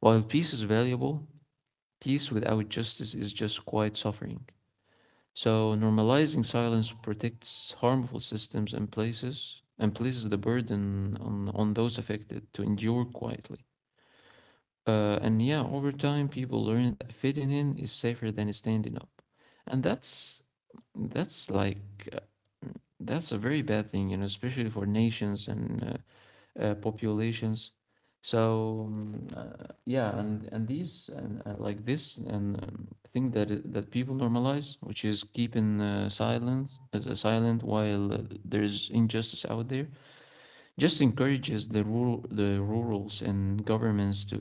Speaker 1: While peace is valuable, peace without justice is just quiet suffering. So normalizing silence protects harmful systems and places the burden on those affected to endure quietly. And yeah, over time people learn that fitting in is safer than standing up. And that's that's like a very bad thing, you know, especially for nations and populations. So yeah, and these and like this and thing that that people normalize, which is keeping silence silent while there's injustice out there, just encourages the rurals and governments to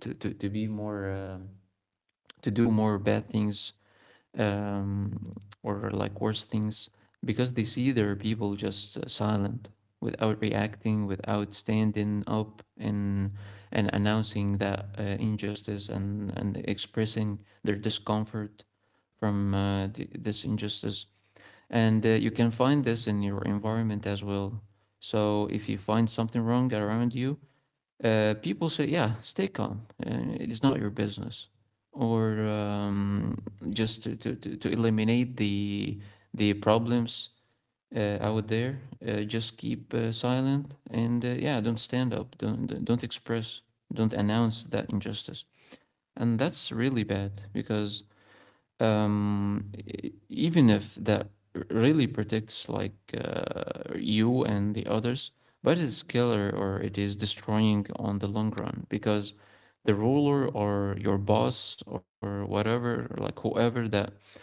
Speaker 1: to be more to do more bad things, um, or like worse things, because they see their people just silent without reacting, without standing up and announcing that injustice and expressing their discomfort from this injustice. And you can find this in your environment as well. So if you find something wrong around you, people say, yeah, stay calm. It is not your business. Or Just to eliminate the problems out there, just keep silent and yeah, don't stand up. Don't express, don't announce that injustice. And that's really bad because even if that really protects like you and the others, but it's killer or it is destroying on the long run because the ruler or your boss or whatever, like whoever that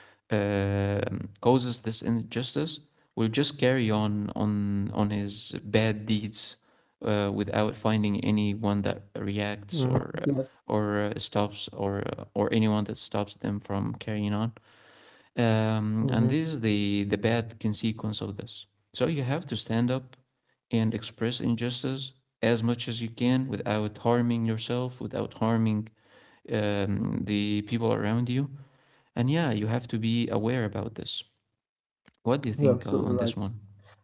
Speaker 1: causes this injustice will just carry on on his bad deeds without finding anyone that reacts or
Speaker 2: mhm,
Speaker 1: uh,
Speaker 2: yes,
Speaker 1: or uh, stops or or anyone that stops them from carrying on.
Speaker 2: mhm,
Speaker 1: And this is the bad consequence of this. So you have to stand up and express injustice as much as you can without harming yourself, without harming the people around you. And yeah, you have to be aware about this. What do you
Speaker 2: you're
Speaker 1: think
Speaker 2: absolutely
Speaker 1: on
Speaker 2: right.
Speaker 1: this one?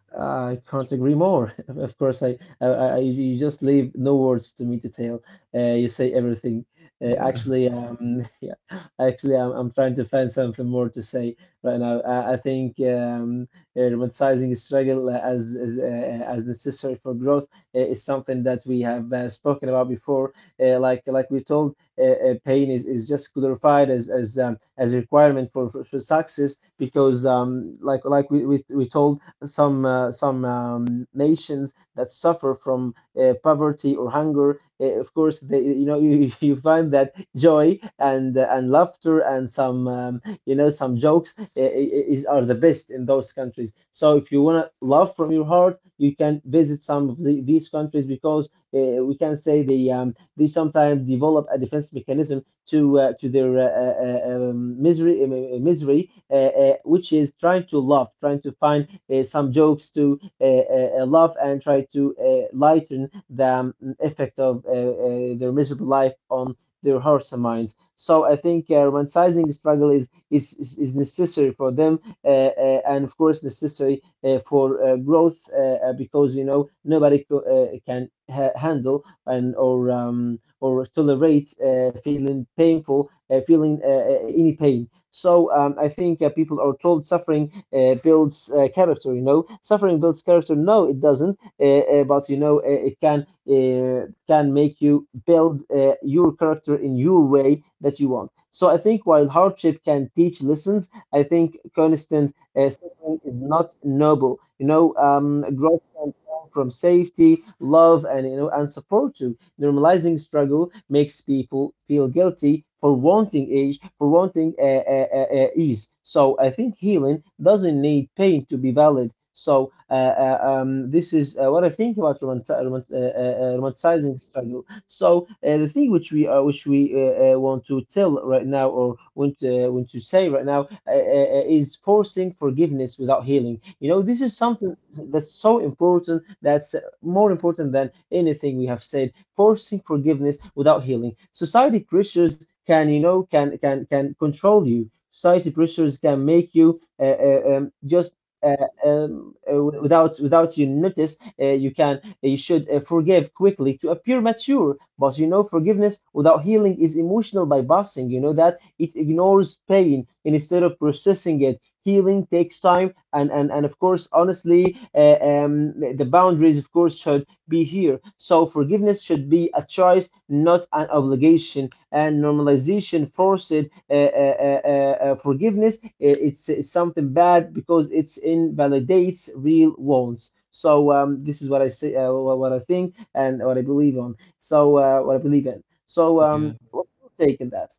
Speaker 2: I can't agree more. Of course, I, you just leave no words to me to tell. You say everything.
Speaker 1: Yeah.
Speaker 2: Yeah, actually, I'm trying to find something more to say right now. I think romanticizing struggle as necessary for growth is something that we have spoken about before. Like we told, pain is just glorified as a requirement for, for success because like we told some nations that suffer from poverty or hunger. Of course, they, you know, you find that joy and laughter and some you know some jokes is are the best in those countries. So if you wanna love from your heart, you can visit some of these countries because we can say they sometimes develop a defense mechanism to their misery, which is trying to love, trying to find some jokes to laugh and try to lighten the effect of their miserable life on their hearts and minds. So I think romanticizing struggle is necessary for them, and of course necessary for growth, because you know nobody can handle and or tolerate feeling painful, feeling any pain. So I think people are told suffering builds character. You know, suffering builds character. No, it doesn't. But you know, it can make you build your character in your way that you want. So I think while hardship can teach lessons, I think constant suffering is not noble. You know, growth can come from safety, love, and you know, and support too. Normalizing struggle makes people feel guilty for wanting age, for wanting ease. So I think healing doesn't need pain to be valid. So this is what I think about romanticizing struggle. So the thing which we want to tell right now, or want to say right now, is forcing forgiveness without healing. You know, this is something that's so important. That's more important than anything we have said. Forcing forgiveness without healing. Society pressures can, you know, can control you. Society pressures can make you just uh, without you notice. You can you should forgive quickly to appear mature. But you know, forgiveness without healing is emotional bypassing. You know that it ignores pain instead of processing it. Healing takes time, and of course, honestly, the boundaries, of course, should be here. So forgiveness should be a choice, not an obligation. And normalization forced forgiveness. It's something bad because it invalidates real wants. So this is what I say, what I think, and what I believe on. So what I believe in. So
Speaker 1: Yeah.
Speaker 2: what's your take on that?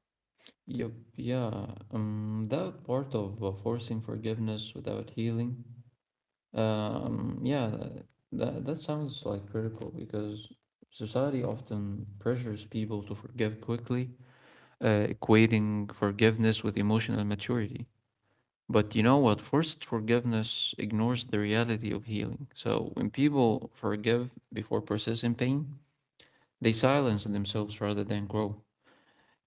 Speaker 1: Yup, yeah. That part of forcing forgiveness without healing, yeah, that sounds like critical because society often pressures people to forgive quickly, equating forgiveness with emotional maturity. But you know what? Forced forgiveness ignores the reality of healing. So when people forgive before processing pain, they silence themselves rather than grow.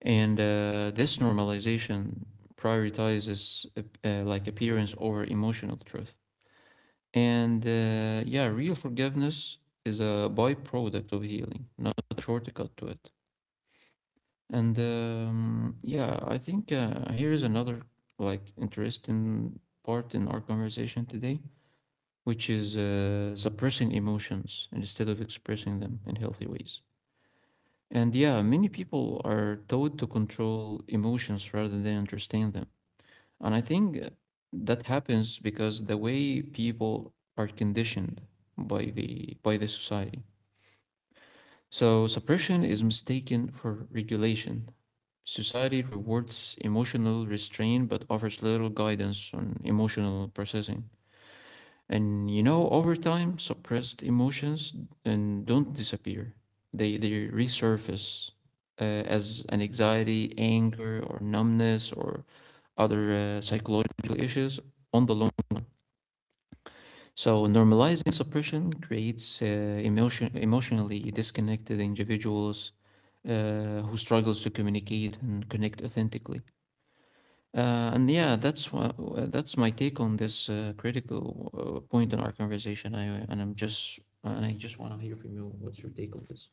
Speaker 1: And this normalization prioritizes like appearance over emotional truth. And yeah, real forgiveness is a byproduct of healing, not a shortcut to it. And yeah, I think here is another like interesting part in our conversation today, which is suppressing emotions instead of expressing them in healthy ways. And yeah, many people are taught to control emotions rather than understand them. And I think that happens because the way people are conditioned by the society. So suppression is mistaken for regulation. Society rewards emotional restraint but offers little guidance on emotional processing. And you know, over time suppressed emotions and don't disappear, they resurface as an anxiety, anger, or numbness or other psychological issues on the long run. So normalizing suppression creates emotionally disconnected individuals who struggles to communicate and connect authentically. And yeah, that's my take on this critical point in our conversation. I and I'm just and I just want to hear from you. What's your take on this?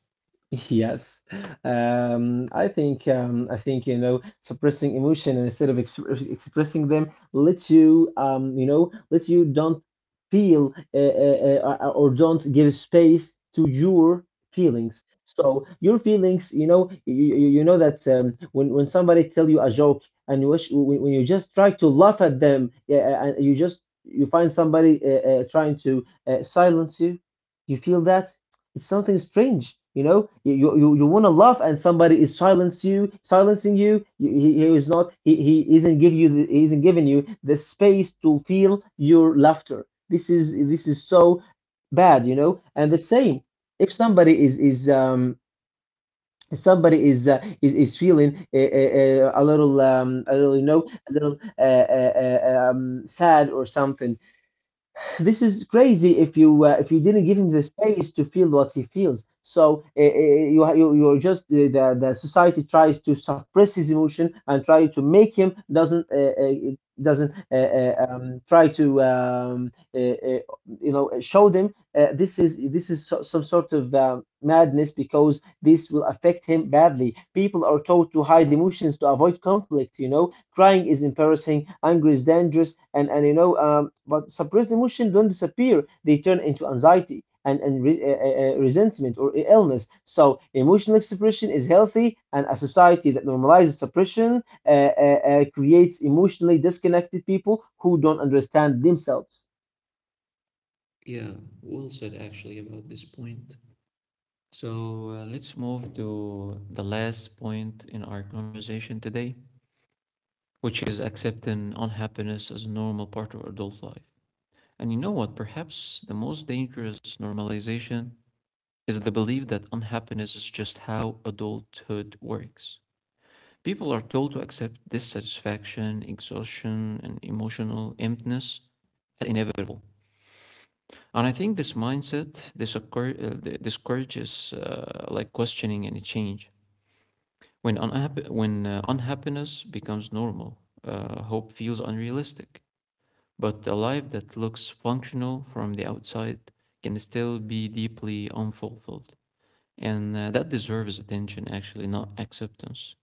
Speaker 2: Yes, I think you know suppressing emotion instead of ex expressing them lets you you know lets you don't feel or don't give space to your feelings. So your feelings, you know, you know that when somebody tell you a joke and you wish when you just try to laugh at them, yeah, and you just you find somebody trying to silence you, you feel that it's something strange, you know. Want to laugh, and somebody is silence you, silencing you. You- he is not. He isn't give you. He isn't giving you the space to feel your laughter. This is so bad, you know. And the same, if somebody is if somebody is is feeling a little you know a little sad or something, this is crazy if you didn't give him the space to feel what he feels. So you're just the society tries to suppress his emotion and try to make him doesn't try to you know show them this is this is, so, some sort of madness because this will affect him badly. People are taught to hide emotions to avoid conflict, you know. Crying is embarrassing, anger is dangerous, and you know, but suppressed emotion don't disappear. They turn into anxiety and resentment or illness. So emotional expression is healthy, and a society that normalizes suppression creates emotionally disconnected people who don't understand themselves.
Speaker 1: Yeah, well said actually about this point. So let's move to the last point in our conversation today, which is accepting unhappiness as a normal part of adult life. And you know what? Perhaps the most dangerous normalization is the belief that unhappiness is just how adulthood works. People are told to accept dissatisfaction, exhaustion, and emotional emptiness as inevitable. And I think this mindset discourages like questioning any change. When unhappiness becomes normal, hope feels unrealistic. But a life that looks functional from the outside can still be deeply unfulfilled. And that deserves attention, actually, not acceptance.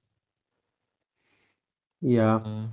Speaker 2: Yeah.
Speaker 1: Uh,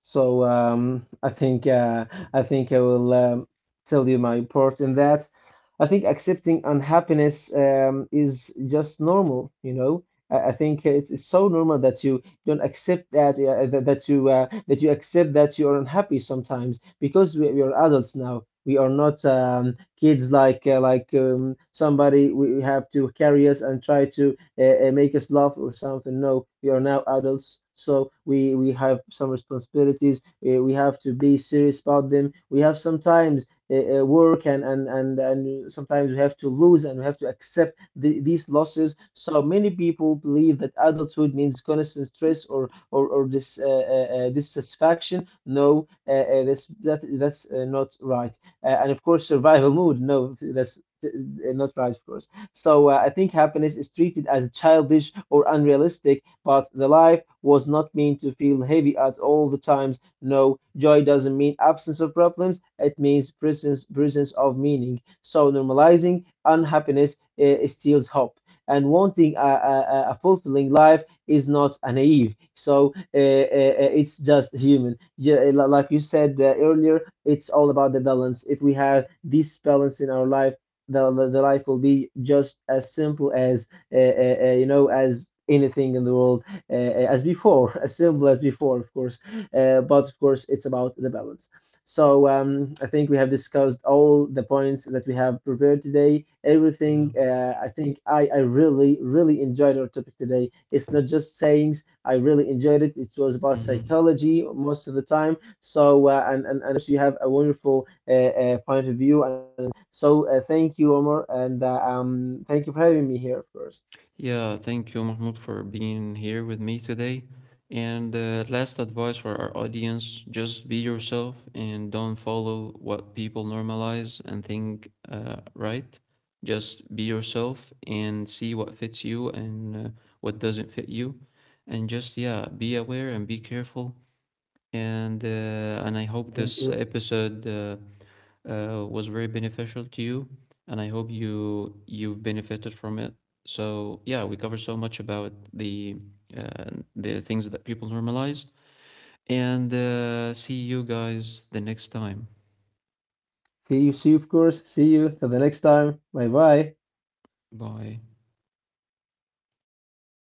Speaker 2: So I think I think I will tell you my part in that. I think accepting unhappiness is just normal, you know. I think it's so normal that you don't accept that that you accept that you are unhappy sometimes because we are adults now. We are not kids like somebody we have to carry us and try to make us laugh or something. No, we are now adults, so we have some responsibilities. We have to be serious about them. We have sometimes work and, and sometimes we have to lose and we have to accept these losses. So many people believe that adulthood means constant stress or this dissatisfaction. No, that's that's not right. And of course, survival mode. No, that's not right. Of course, so I think happiness is treated as childish or unrealistic, but the life was not meant to feel heavy at all the times. No, joy doesn't mean absence of problems, it means presence, presence of meaning. So normalizing unhappiness steals hope. And wanting a fulfilling life is not a naive. So it's just human. Yeah, like you said earlier, it's all about the balance. If we have this balance in our life, life will be just as simple as you know as anything in the world uh, uh, as before. As simple as before, of course, but of course it's about the balance. So I think we have discussed all the points that we have prepared today.
Speaker 1: Yeah.
Speaker 2: Everything. I think I really really enjoyed our topic today. It's not just sayings. I really enjoyed it. It was about
Speaker 1: Mhm.
Speaker 2: psychology most of the time. So and also you have a wonderful point of view. So thank you, Omar, and thank you for having me here, of course.
Speaker 1: Yeah, thank you, Mahmoud, for being here with me today. And last advice for our audience, just be yourself and don't follow what people normalize and think right. Just be yourself and see what fits you and what doesn't fit you. And just, yeah, be aware and be careful. And, uh, and I hope
Speaker 2: Thank
Speaker 1: this
Speaker 2: you.
Speaker 1: episode was very beneficial to you, and I hope you you've benefited from it. So yeah, we cover so much about uh, the things that people normalize, and see you guys the next time.
Speaker 2: See you, see you, of course. See you till the next time. Bye bye.
Speaker 1: Bye.